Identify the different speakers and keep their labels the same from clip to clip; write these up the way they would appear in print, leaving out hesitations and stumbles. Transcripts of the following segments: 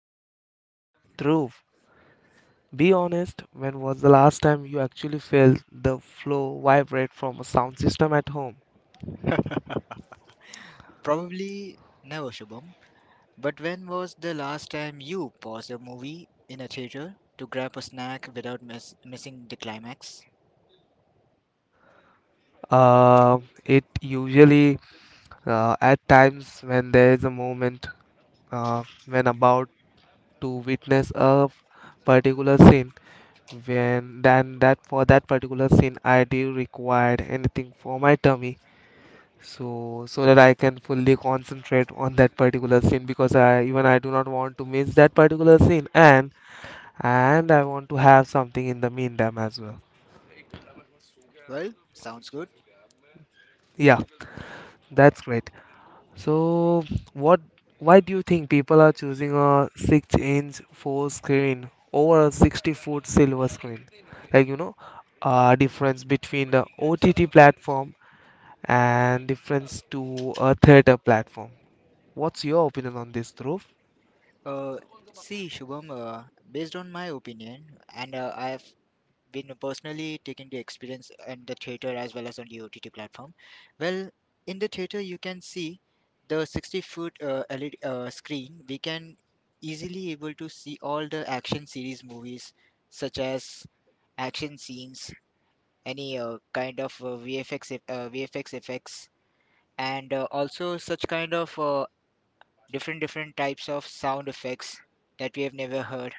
Speaker 1: ultimate debate, Dhruv. Be honest, when was the last time you actually felt the flow vibrate from a sound system at home?
Speaker 2: Probably never, Shubham. But when was the last time you paused a movie in a theater to grab a snack without missing the climax?
Speaker 1: Uh, it usually, at times when there is a moment, when about to witness a particular scene, when then that for that particular scene I do required anything for my tummy, so that I can fully concentrate on that particular scene because I, even I do not want to miss that particular scene, and I want to have something in the meantime as well.
Speaker 2: Well, sounds good.
Speaker 1: Yeah, that's great. So what why do you think people are choosing a 6-inch 4 screen over a 60-foot silver screen? Like you know, difference between the OTT platform and difference to a theater platform. What's your opinion on this, Dhruv?
Speaker 2: Uh, see, Shubham, based on my opinion, and I've been personally taking the experience in the theater as well as on the OTT platform. Well, in the theater, you can see the 60 foot LED screen. We can easily able to see all the action series movies such as action scenes, any kind of VFX effects, and also such kind of different types of sound effects that we have never heard.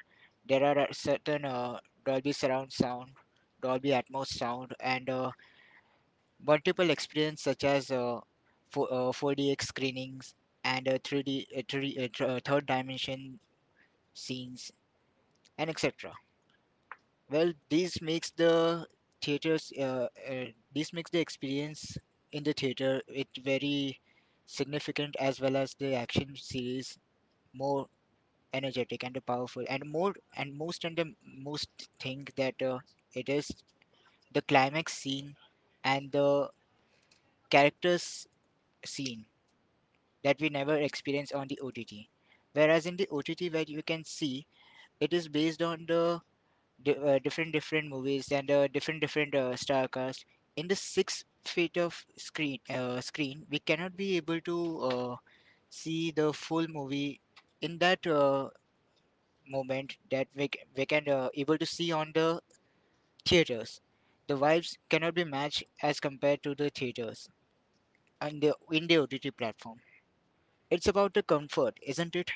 Speaker 2: There are certain Dolby surround sound, Dolby Atmos sound, and multiple experience such as 4DX screenings and 3D, third dimension scenes and etc. Well, this makes the theaters, uh, uh, this makes the experience in the theater it very significant as well as the action series more energetic and powerful and the most thing that it is the climax scene and the characters scene that we never experience on the OTT. Whereas in the OTT, where you can see it is based on the different movies and different star cast in the 6 feet of screen screen we cannot be able to uh, see the full movie in that moment that we can able to see on the theaters. The vibes cannot be matched as compared to the theaters and the in the OTT platform. It's about the comfort, isn't it?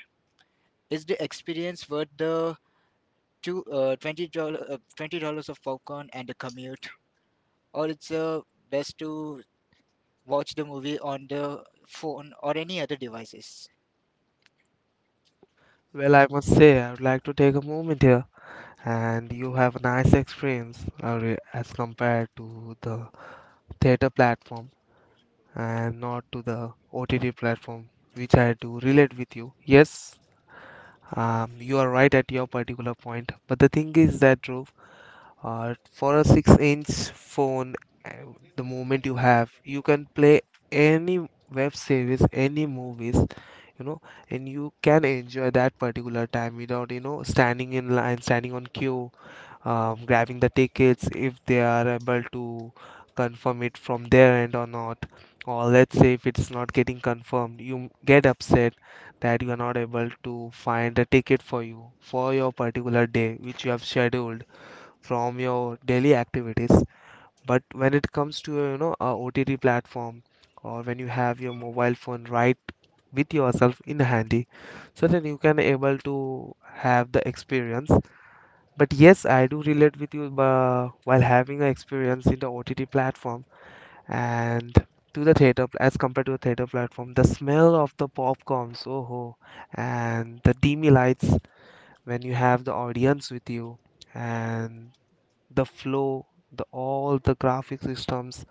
Speaker 2: Is the experience worth the two $20 of popcorn and the commute, or it's best to watch the movie on the phone or any other devices?
Speaker 1: Well, I must say, I would like to take a moment here, and you have a nice experience as compared to the theater platform and not to the OTT platform, which I do relate with you. Yes, you are right at your particular point, but the thing is that, Dhruv, for a 6-inch phone, uh, the moment you have, you can play any web series, any movies, you know, and you can enjoy that particular time without, you know, standing in line, standing on queue, grabbing the tickets if they are able to confirm it from their end or not. Or let's say if it's not getting confirmed, you get upset that you are not able to find a ticket for you for your particular day which you have scheduled from your daily activities. But when it comes to, you know, a OTT platform, or when you have your mobile phone right with yourself in handy, so then you can able to have the experience. But yes, I do relate with you while having an experience in the OTT platform and to the as compared to the theater platform. The smell of the popcorns, oh, ho, and the dimmy lights when you have the audience with you, and the flow, the all the graphic systems,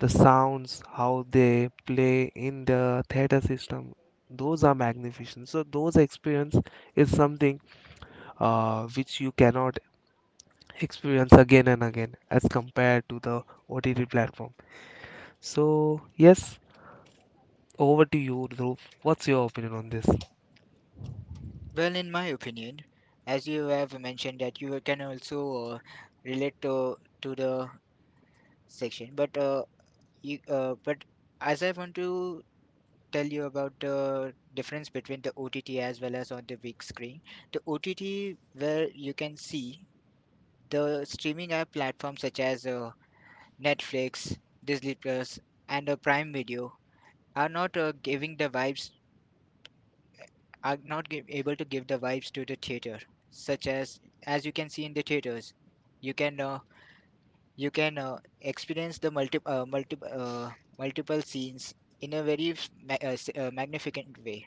Speaker 1: the sounds, how they play in the theater system, those are magnificent. So those experience is something, which you cannot experience again and again as compared to the OTT platform. So yes, over to you, Dhruv. What's your opinion on this?
Speaker 2: Well, in my opinion, as you have mentioned that you can also uh, relate to the section, but as I want to tell you about the difference between the OTT as well as on the big screen, the OTT where you can see the streaming app platforms such as Netflix, Disney Plus, and Prime Video are not giving the vibes, are not able to give the vibes to the theater, such as you can see in the theaters you can experience the multiple scenes in a very magnificent way,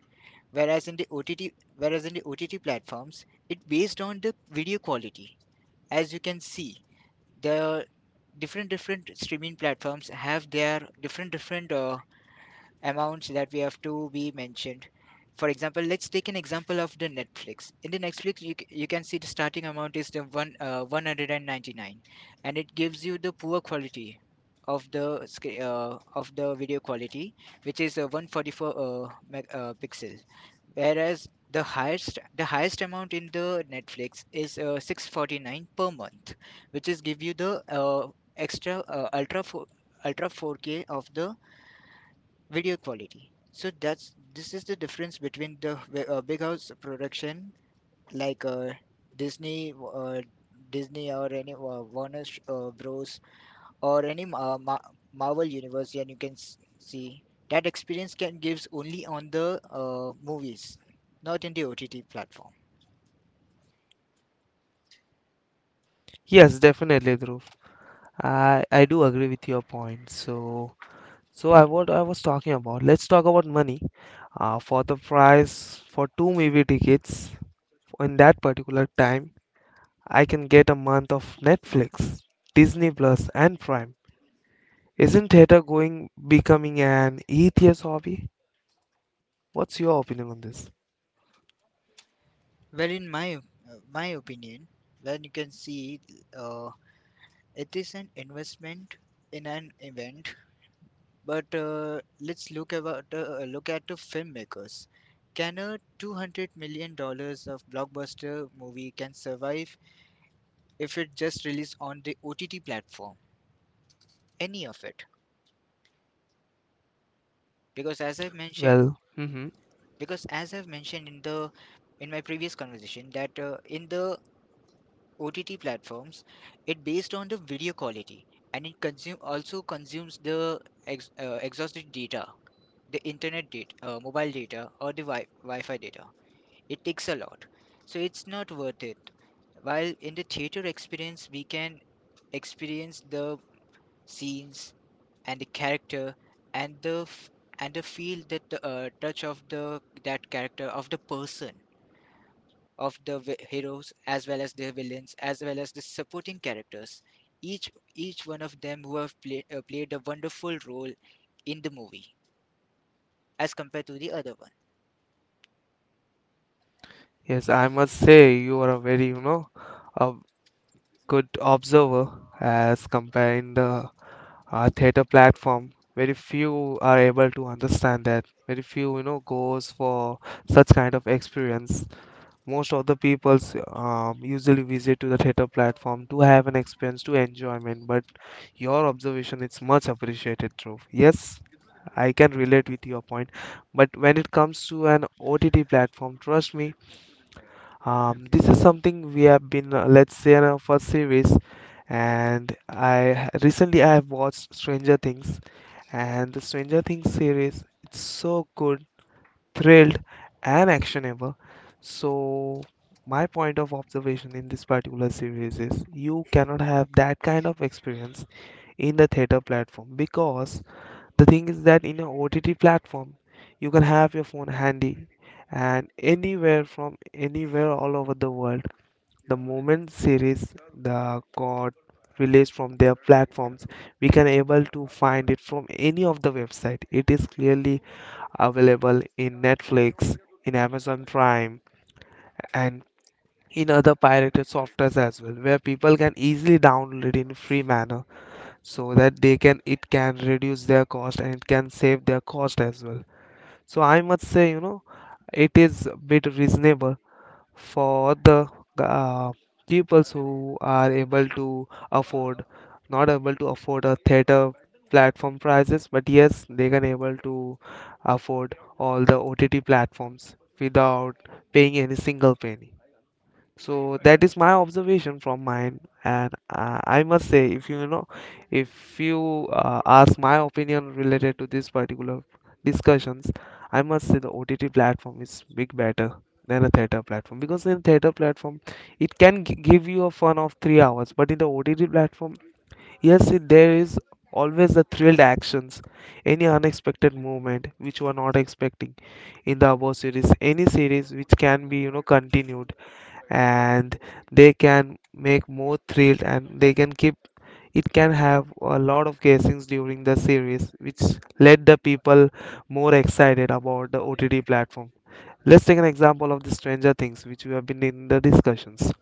Speaker 2: whereas in the OTT platforms it based on the video quality, as you can see the different streaming platforms have their different amounts that we have to be mentioned. For example, let's take an example of the Netflix. In the Netflix, you can see the starting amount is the one 199, and it gives you the poor quality of the video quality, which is 144 pixel, whereas the highest amount in the Netflix is 649 per month, which is give you the extra ultra 4K of the video quality. So that's this is the difference between the big house production like Disney, uh, Disney or any Warner Bros or any Marvel universe, and you can see that experience can gives only on the movies, not in the OTT platform.
Speaker 1: Yes, definitely, Dhruv. I do agree with your point. So I what I was talking about. Let's talk about money. For the price for two movie tickets in that particular time, I can get a month of Netflix, Disney Plus, and Prime. Isn't theater going becoming an atheist hobby? What's your opinion on this?
Speaker 2: Well, in my opinion, when you can see uh, it is an investment in an event. But let's look about look at the filmmakers. Can a $200 million of blockbuster movie can survive if it just released on the OTT platform? Any of it? Because as I've mentioned,
Speaker 1: Well, hmm,
Speaker 2: because as I've mentioned in my previous conversation that in the OTT platforms, it based on the video quality, and it consumes the exhausted data, the internet data, mobile data, or the Wi-Fi data. It takes a lot. So it's not worth it. While in the theater experience, we can experience the scenes and the character and the f- and the feel that the touch of the that character of the person heroes as well as the villains as well as the supporting characters, each each one of them who have played a wonderful role in the movie as compared to the other one.
Speaker 1: yes, I must say you are a very, you know, a good observer. As comparing the theater platform, very few are able to understand that. Very few, you know, goes for such kind of experience. Most of the peoples usually visit to the theater platform to have an experience, to enjoyment, but your observation is much appreciated, Dhruv. Yes, I can relate with your point, but when it comes to an OTT platform, trust me, this is something we have been, let's say, in our first series, and recently I have watched Stranger Things, and the Stranger Things series, it's so good, thrilled, and actionable. So my point of observation in this particular series is you cannot have that kind of experience in the theater platform, because the thing is that in a OTT platform you can have your phone handy, and anywhere from anywhere all over the world, the moment series the got released from their platforms, we can able to find it from any of the website. It is clearly available in Netflix, in Amazon Prime, and in other pirated softwares as well, where people can easily download it in free manner, so that they can, it can reduce their cost and it can save their cost as well. So I must say, you know, it is a bit reasonable for the, uh, people who are able to afford, not able to afford a theater platform prices, but yes, they can able to afford all the OTT platforms without paying any single penny. So that is my observation from mine, and I must say, if you know, if you ask my opinion related to this particular discussions, I must say the OTT platform is big better than a theater platform, because in theater platform it can give you a fun of 3 hours, but in the OTT platform, yes, it, there is always the thrilled actions, any unexpected movement which you are not expecting in the above series, any series which can be, you know, continued, and they can make more thrilled and they can keep, it can have a lot of guessings during the series which led the people more excited about the OTT platform. Let's take an example of the Stranger Things which we have been in the discussions.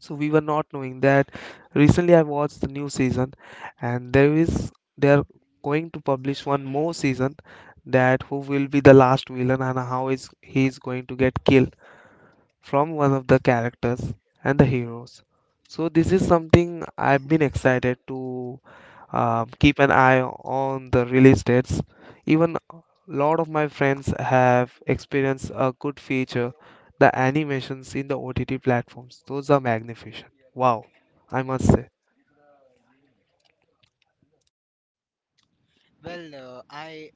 Speaker 1: So we were not knowing that recently I watched the new season, and there is, they are going to publish one more season, that who will be the last villain and how is he is going to get killed from one of the characters and the heroes. So this is something I've been excited to, keep an eye on the release dates. Even a lot of my friends have experienced a good feature, the animations in the OTT platforms. Those are magnificent. Wow, I must say.
Speaker 2: I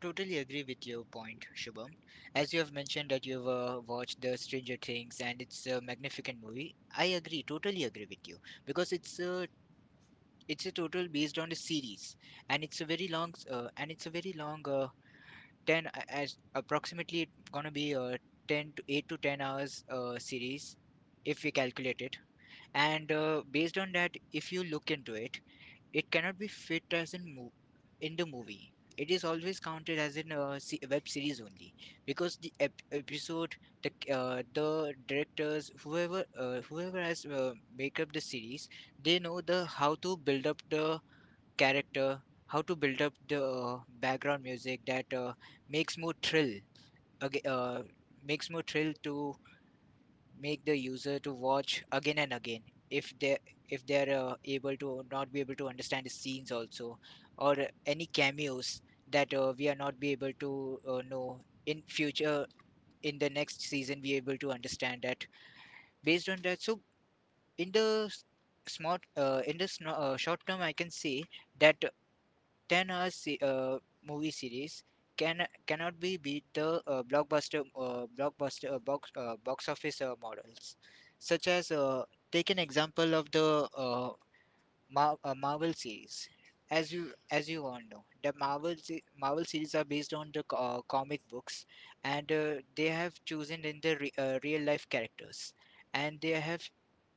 Speaker 2: totally agree with your point, Shubham. As you have mentioned that you've watched the Stranger Things and it's a magnificent movie. I agree, totally agree with you, because it's a total based on a series, and it's a very long 10 as approximately it's gonna be a 10 to 8 to 10 hours series, if we calculate it. And based on that, if you look into it, it cannot be fit in the movie. It is always counted as in a web series only because episode, the the directors, whoever has make up the series, they know the how to build up the character, how to build up the background music that makes more thrill. Aga Makes more thrill to make the user to watch again and again, if they if they're able to not be able to understand the scenes also, or any cameos that we are not be able to know in future. In the next season, we able to understand that based on that. So in the s- in the short term, I can say that 10 hour movie series cannot be beat the blockbuster box office models, such as take an example of the Marvel series. As you as you all know, the Marvel series are based on the comic books, and they have chosen in the real life characters, and they have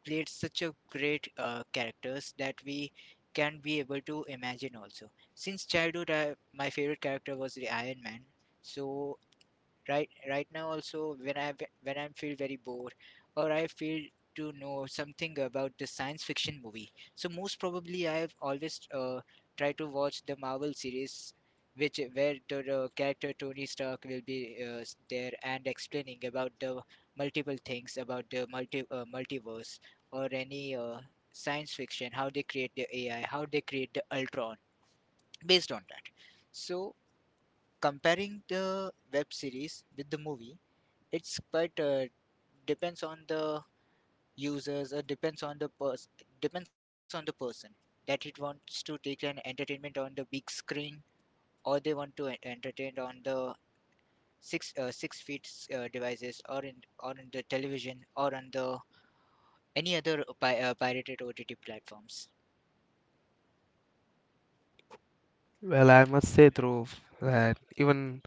Speaker 2: played such a great characters that we can be able to imagine also. Since childhood, my favorite character was the Iron Man. So right now also, when I feel very bored or I feel to know something about the science fiction movie, so most probably I have always tried to watch the Marvel series, which where the character Tony Stark will be there and explaining about the multiple things about the multiverse, or any science fiction, how they create the AI, how they create the ultron based on that. So, comparing the web series with the movie, it's quite depends on the users, or depends on the person, depends on the person that it wants to take an entertainment on the big screen, or they want to entertain on the 6 feet devices, or in or on the television, or on the any other pirated OTT platforms.
Speaker 1: Well, I must say, Dhruv, that even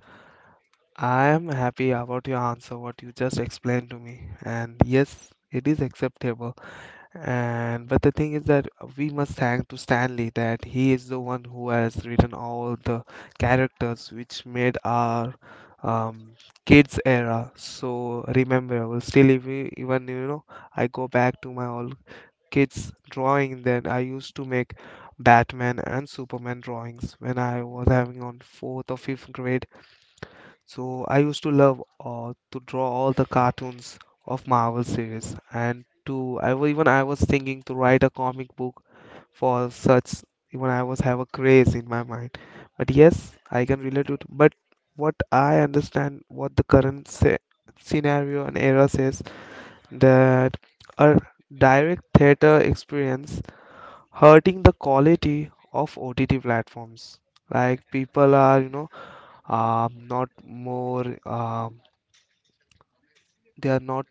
Speaker 1: I am happy about your answer, what you just explained to me. And yes, it is acceptable. And but the thing is that we must thank to Stanley that he is the one who has written all the characters which made our um, kids era so rememberable. Still, if we, even you know, I go back to my old kids drawing, then I used to make Batman and Superman drawings when I was having on fourth or fifth grade. So I used to love to draw all the cartoons of Marvel series, and to even I was thinking to write a comic book for such. Even I was have a craze in my mind. But yes, I can relate to it. But what I understand, what the current scenario and era says, that a direct theater experience hurting the quality of OTT platforms. Like people are, you know, not more, they are not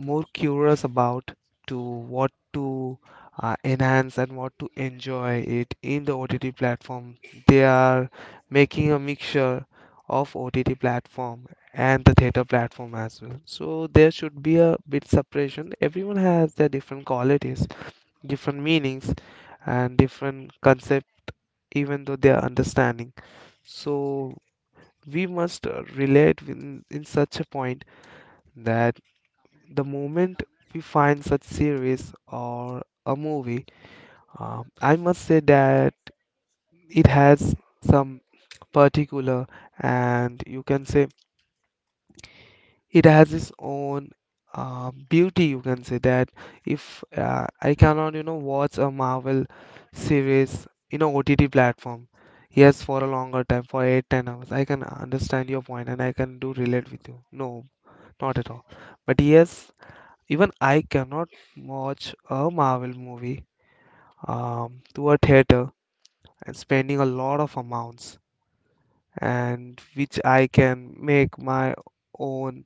Speaker 1: more curious about to what to, enhance and what to enjoy it in the OTT platform. They are making a mixture of OTT platform and the theater platform as well. So there should be a bit separation. Everyone has their different qualities, different meanings, and different concept, even though they are understanding. So we must relate in such a point that the moment we find such series or a movie, I must say that it has some particular, and you can say it has its own beauty. You can say that if I cannot, you know, watch a Marvel series in a OTT platform. Yes, for a longer time, for 8, 10 hours. I can understand your point and I can do relate with you. No, not at all. But yes, even I cannot watch a Marvel movie to a theater and spending a lot of amounts, and which I can make my own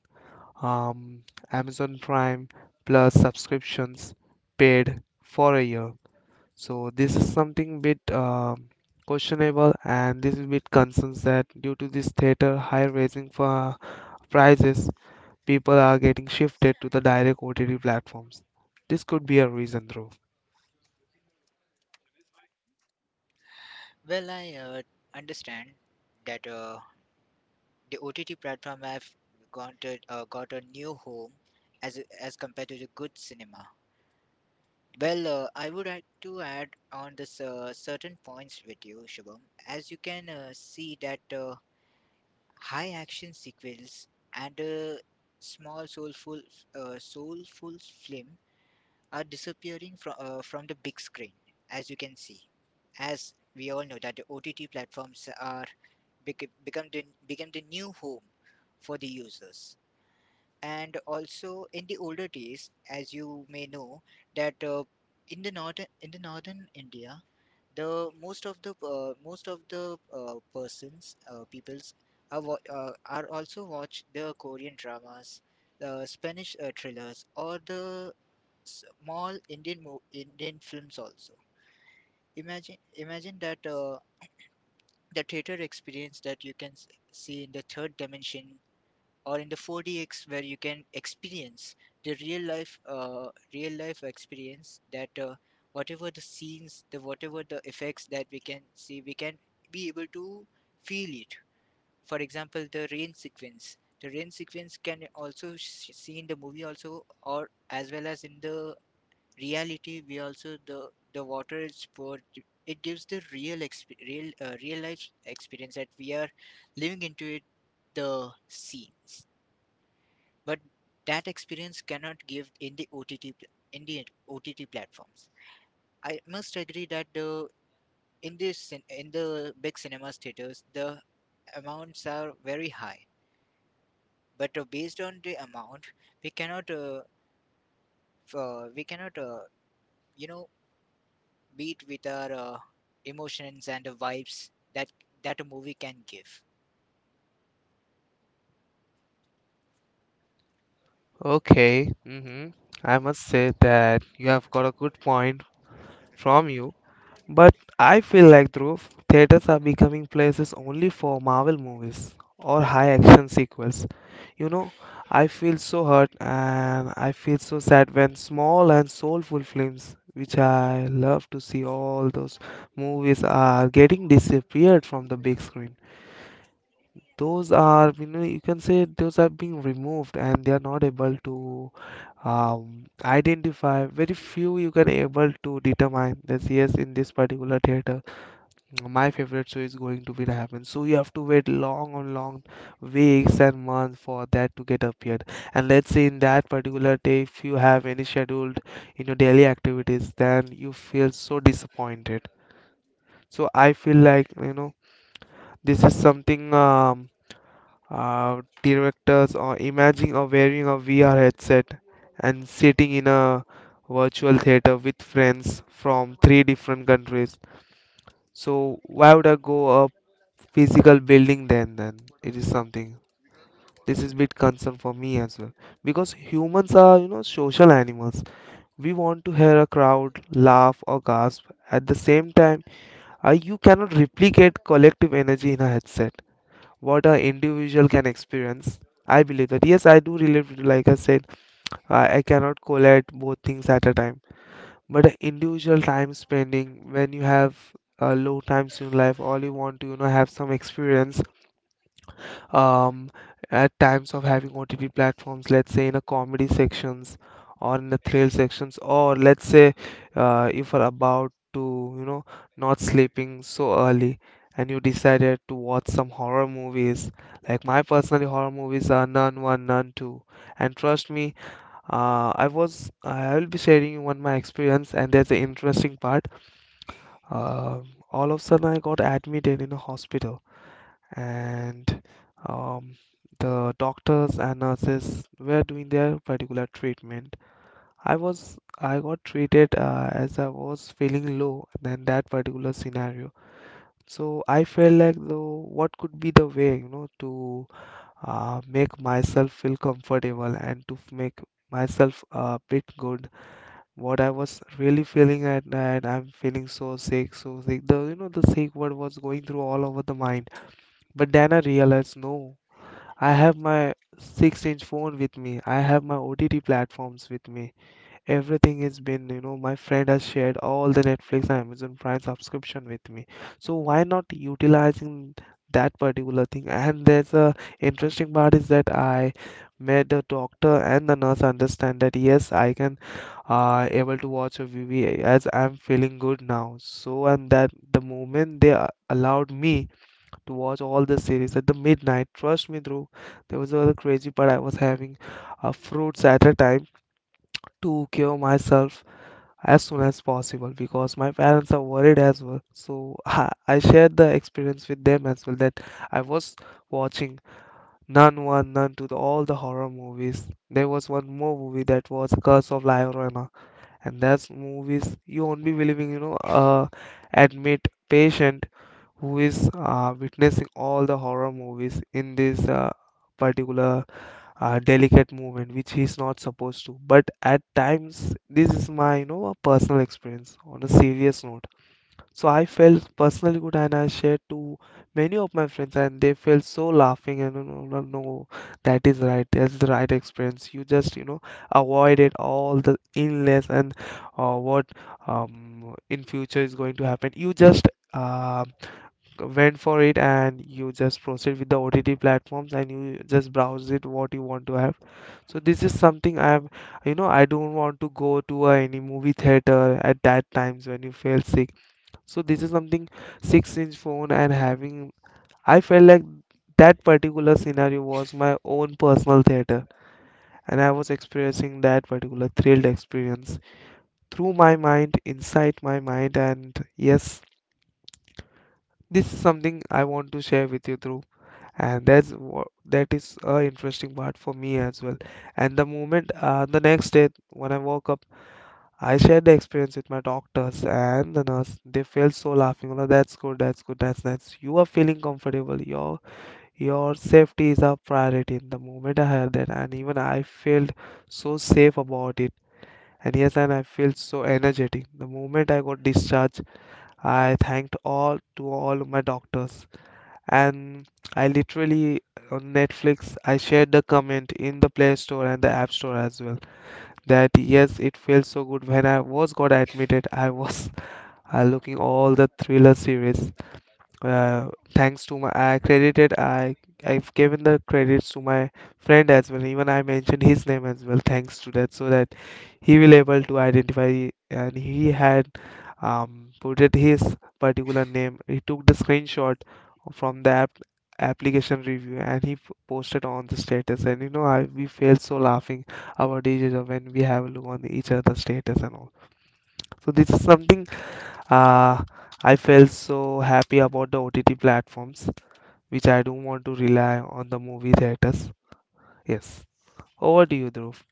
Speaker 1: um, Amazon Prime Plus subscriptions paid for a year. So this is something bit questionable, and this is bit concerns that due to this theater high raising for prices, people are getting shifted to the direct OTT platforms. This could be a reason, Dhruv.
Speaker 2: Well, I understand that the OTT platform have got got a new home as compared to the good cinema. Well, I would like to add on this certain points with you, Shubham. As you can see that high action sequels and small soulful, soulful film are disappearing from the big screen. As you can see, as we all know that the OTT platforms are bec- become the new home for the users, and also in the older days, as you may know, that in the northern India, the most of the persons peoples are also watch the Korean dramas, the Spanish thrillers, or the small Indian films also. Imagine that the theater experience that you can see in the third dimension, or in the 4DX, where you can experience the real life experience that whatever the effects that we can see, we can be able to feel it. For example, the rain sequence can also see in the movie also, or as well as in the reality, we also the water is poured. It gives the real life experience that we are living into it, the scenes. But that experience cannot give in the in the OTT platforms. I must agree that the in the big cinemas theaters, the amounts are very high, but based on the amount, we cannot f- uh, we cannot uh, you know beat with our emotions and the vibes that a movie can give.
Speaker 1: Okay, hmm, I must say that you have got a good point from you, but I feel like, Dhruv, theaters are becoming places only for Marvel movies or high action sequels. You know, I feel so hurt and I feel so sad when small and soulful films, which I love to see all those movies, are getting disappeared from the big screen. Those are, you know, you can say those are being removed and they are not able to, identify. Very few you can able to determine that yes, in this particular theater my favorite show is going to be to happen, so you have to wait long and long weeks and months for that to get appeared. And let's say in that particular day if you have any scheduled, you know, daily activities, then you feel so disappointed. So I feel like, you know, this is something, directors or imagine or wearing a VR headset and sitting in a virtual theater with friends from three different countries. So why would I go a physical building then? Then it is something. This is bit concern for me as well because humans are, you know, social animals. We want to hear a crowd laugh or gasp. At the same time, you cannot replicate collective energy in a headset what a individual can experience. I believe that. Yes, I do relate． you. Like I said, I cannot collect both things at a time. But a individual time spending when you have low times in life, all you want to, you know, have some experience um, at times of having OTT platforms, let's say in a comedy sections or in the thrill sections, or let's say if you're about to, you know, not sleeping so early and you decided to watch some horror movies. Like my personally horror movies are Nun 1, Nun 2. And trust me, I will be sharing you one my experience and there's an interesting part. Um all of a sudden I got admitted in a hospital and um, the doctors and nurses were doing their particular treatment. I got treated as I was feeling low than that particular scenario. So I felt like though what could be the way, you know, to make myself feel comfortable and to make myself a bit good. What I was really feeling at night, I'm feeling so sick, so sick. The, you know, the sick word was going through all over the mind. But then I realized no. I have my 6-inch phone with me. I have my OTT platforms with me. Everything has been, you know, my friend has shared all the Netflix and Amazon Prime subscription with me. So why not utilizing that particular thing? And there's a interesting part is that I made the doctor and the nurse understand that yes, I can able to watch a movie as I'm feeling good now. So and that the moment they allowed me to watch all the series at the midnight. Trust me, Dhruv, there was a crazy, but I was having fruits at a time to cure myself as soon as possible because my parents are worried as well. So I shared the experience with them as well that I was watching Nun 1, Nun 2, all the horror movies. There was one more movie that was Curse of La Llorona, and that's movies you won't be believing, you know, admit patient who is witnessing all the horror movies in this particular delicate moment which he's not supposed to, but at times this is my, you know, a personal experience on a serious note. So I felt personally good and I shared to many of my friends and they felt so laughing. And no, no, no, that is right, that's the right experience. You just, you know, avoided all the illness and what in future is going to happen. You just um, went for it and you just proceed with the OTT platforms and you just browse it what you want to have. So this is something I have, you know, I don't want to go to any movie theater at that times when you feel sick. So this is something, 6 inch phone and having I felt like that particular scenario was my own personal theater, and I was experiencing that particular thrilled experience through my mind, inside my mind. And yes, this is something I want to share with you through. And that's what, that is a interesting part for me as well. And the moment the next day when I woke up, I shared the experience with my doctors and the nurse. They felt so laughing. Oh, that's good, that's good, that's nice, you are feeling comfortable. Your safety is a priority. In the moment I heard that, and even I felt so safe about it. And yes, and I felt so energetic the moment I got discharged. I thanked all to all my doctors. And I literally on Netflix I shared the comment in the Play Store and the App Store as well, that yes, it feels so good when I was got admitted. I was looking all the thriller series. uh, Thanks to my, I credited, I've given the credits to my friend as well. Even I mentioned his name as well. Thanks to that, so that he will able to identify. And he had put it his particular name. He took the screenshot from the app application review and he posted on the status. And, you know, I we felt so laughing about each other when we have a look on each other's status and all. So this is something uh, I felt so happy about the OTT platforms, which I don't want to rely on the movie theaters. Yes. Over to you, Dhruv.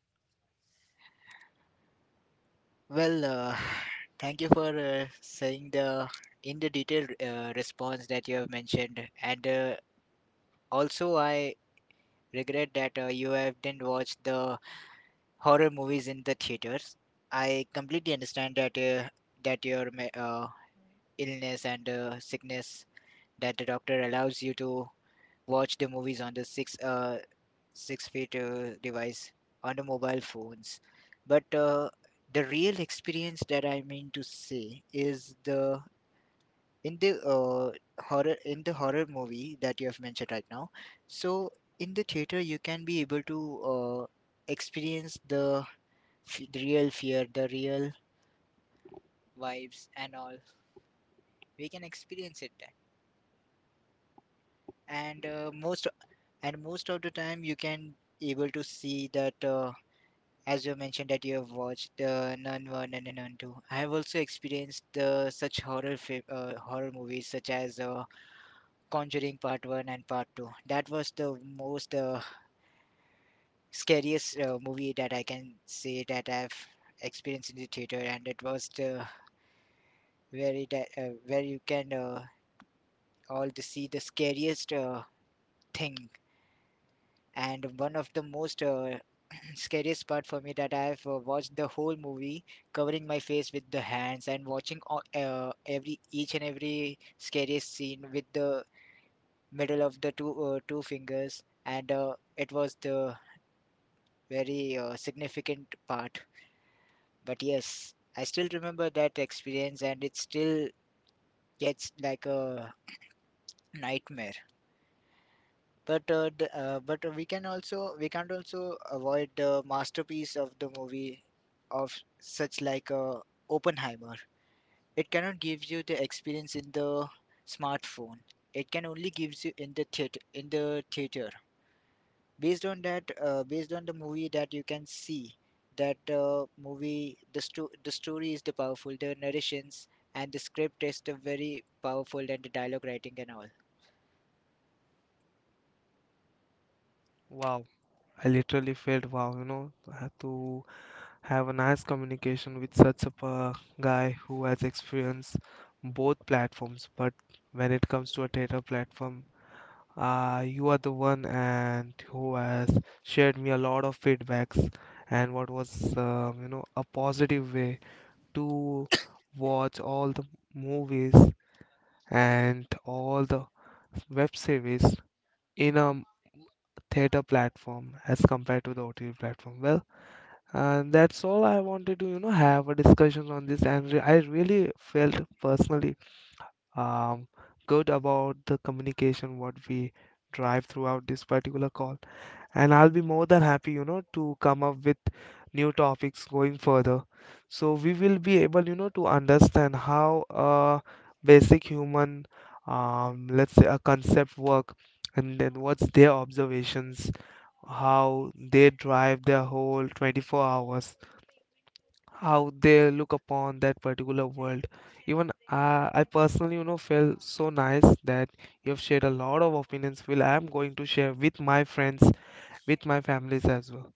Speaker 2: Well, thank you for saying the in the detailed response that you have mentioned and. Also, I regret that you have didn't watch the horror movies in the theaters. I completely understand that your illness and sickness, that the doctor allows you to watch the movies on the 6 feet device on the mobile phones, but the real experience that I mean to say is the in the horror in the horror movie that you have mentioned right now. So in the theater you can be able to uh, experience the real fear, the real vibes and all. We can experience it there. And most of the time you can able to see that as you mentioned that you have watched Nun 1 and Nun 2. I have also experienced the such horror movies such as Conjuring Part 1 and Part 2. That was the most scariest movie that I can say that I've experienced in the theater, and it was the very that where you can all to see the scariest thing. And one of the most scariest part for me that I've watched the whole movie, covering my face with the hands and watching every each and every scariest scene with the middle of the two fingers, and it was the very significant part. But yes, I still remember that experience, and it still gets like a nightmare. But we can't also avoid the masterpiece of the movie, of such like Oppenheimer. It cannot give you the experience in the smartphone. It can only gives you in the theater, based on that based on the movie that you can see that movie the story is the powerful, the narrations, and the script is the very powerful, and the dialogue writing and all.
Speaker 1: Wow. I literally felt wow, you know, to have a nice communication with such a guy who has experienced both platforms. But when it comes to a theater platform, you are the one and who has shared me a lot of feedbacks and what was, you know, a positive way to watch all the movies and all the web series in a theater platform as compared to the OTT platform. Well, and that's all I wanted to, you know, have a discussion on this, and I really felt personally um, good about the communication what we drive throughout this particular call. And I'll be more than happy, you know, to come up with new topics going further. So we will be able, you know, to understand how a basic human, let's say, a concept work, and then what's their observations, how they drive their whole 24 hours, how they look upon that particular world. Even I personally, you know, felt so nice that you have shared a lot of opinions, Will. I am going to share with my friends, with my families as well.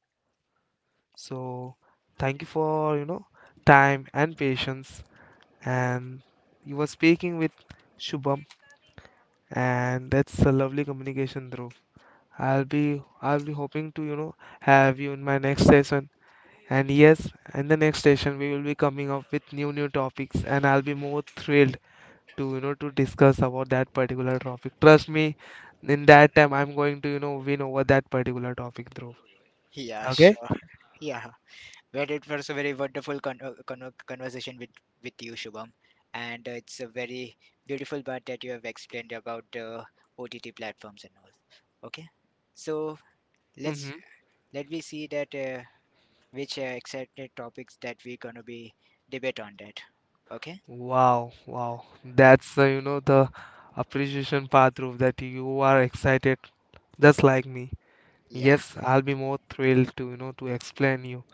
Speaker 1: So thank you for, you know, time and patience. And you were speaking with Shubham, and that's a lovely communication, Dhruv. I'll be hoping to, you know, have you in my next session. And yes, in the next session we will be coming up with new topics and I'll be more thrilled to, you know, to discuss about that particular topic. Trust me, in that time I'm going to, you know, win over that particular topic, Dhruv.
Speaker 2: Yeah,
Speaker 1: Okay?
Speaker 2: sure. Yeah. Well, it was a very wonderful conversation with you, Shubham, and it's a very beautiful part that you have explained about the OTT platforms and all. Okay. So let's
Speaker 1: Hmm.
Speaker 2: let me see that which are excited topics that we're gonna be debate on that. Okay?
Speaker 1: Wow, wow. That's, you know, the appreciation part, Dhruv, that you are excited just like me.
Speaker 2: Yeah.
Speaker 1: Yes, I'll be more thrilled to, you know, to explain you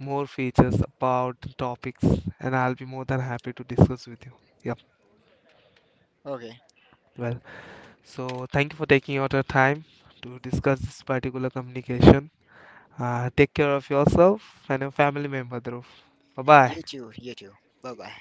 Speaker 1: more features about the topics and I'll be more than happy to discuss with you. Yep.
Speaker 2: Okay.
Speaker 1: Well. So, thank you for taking out your time to discuss this particular communication. Take care of yourself and your family member, Dhruv. Bye bye.
Speaker 2: You too. You too. Bye bye.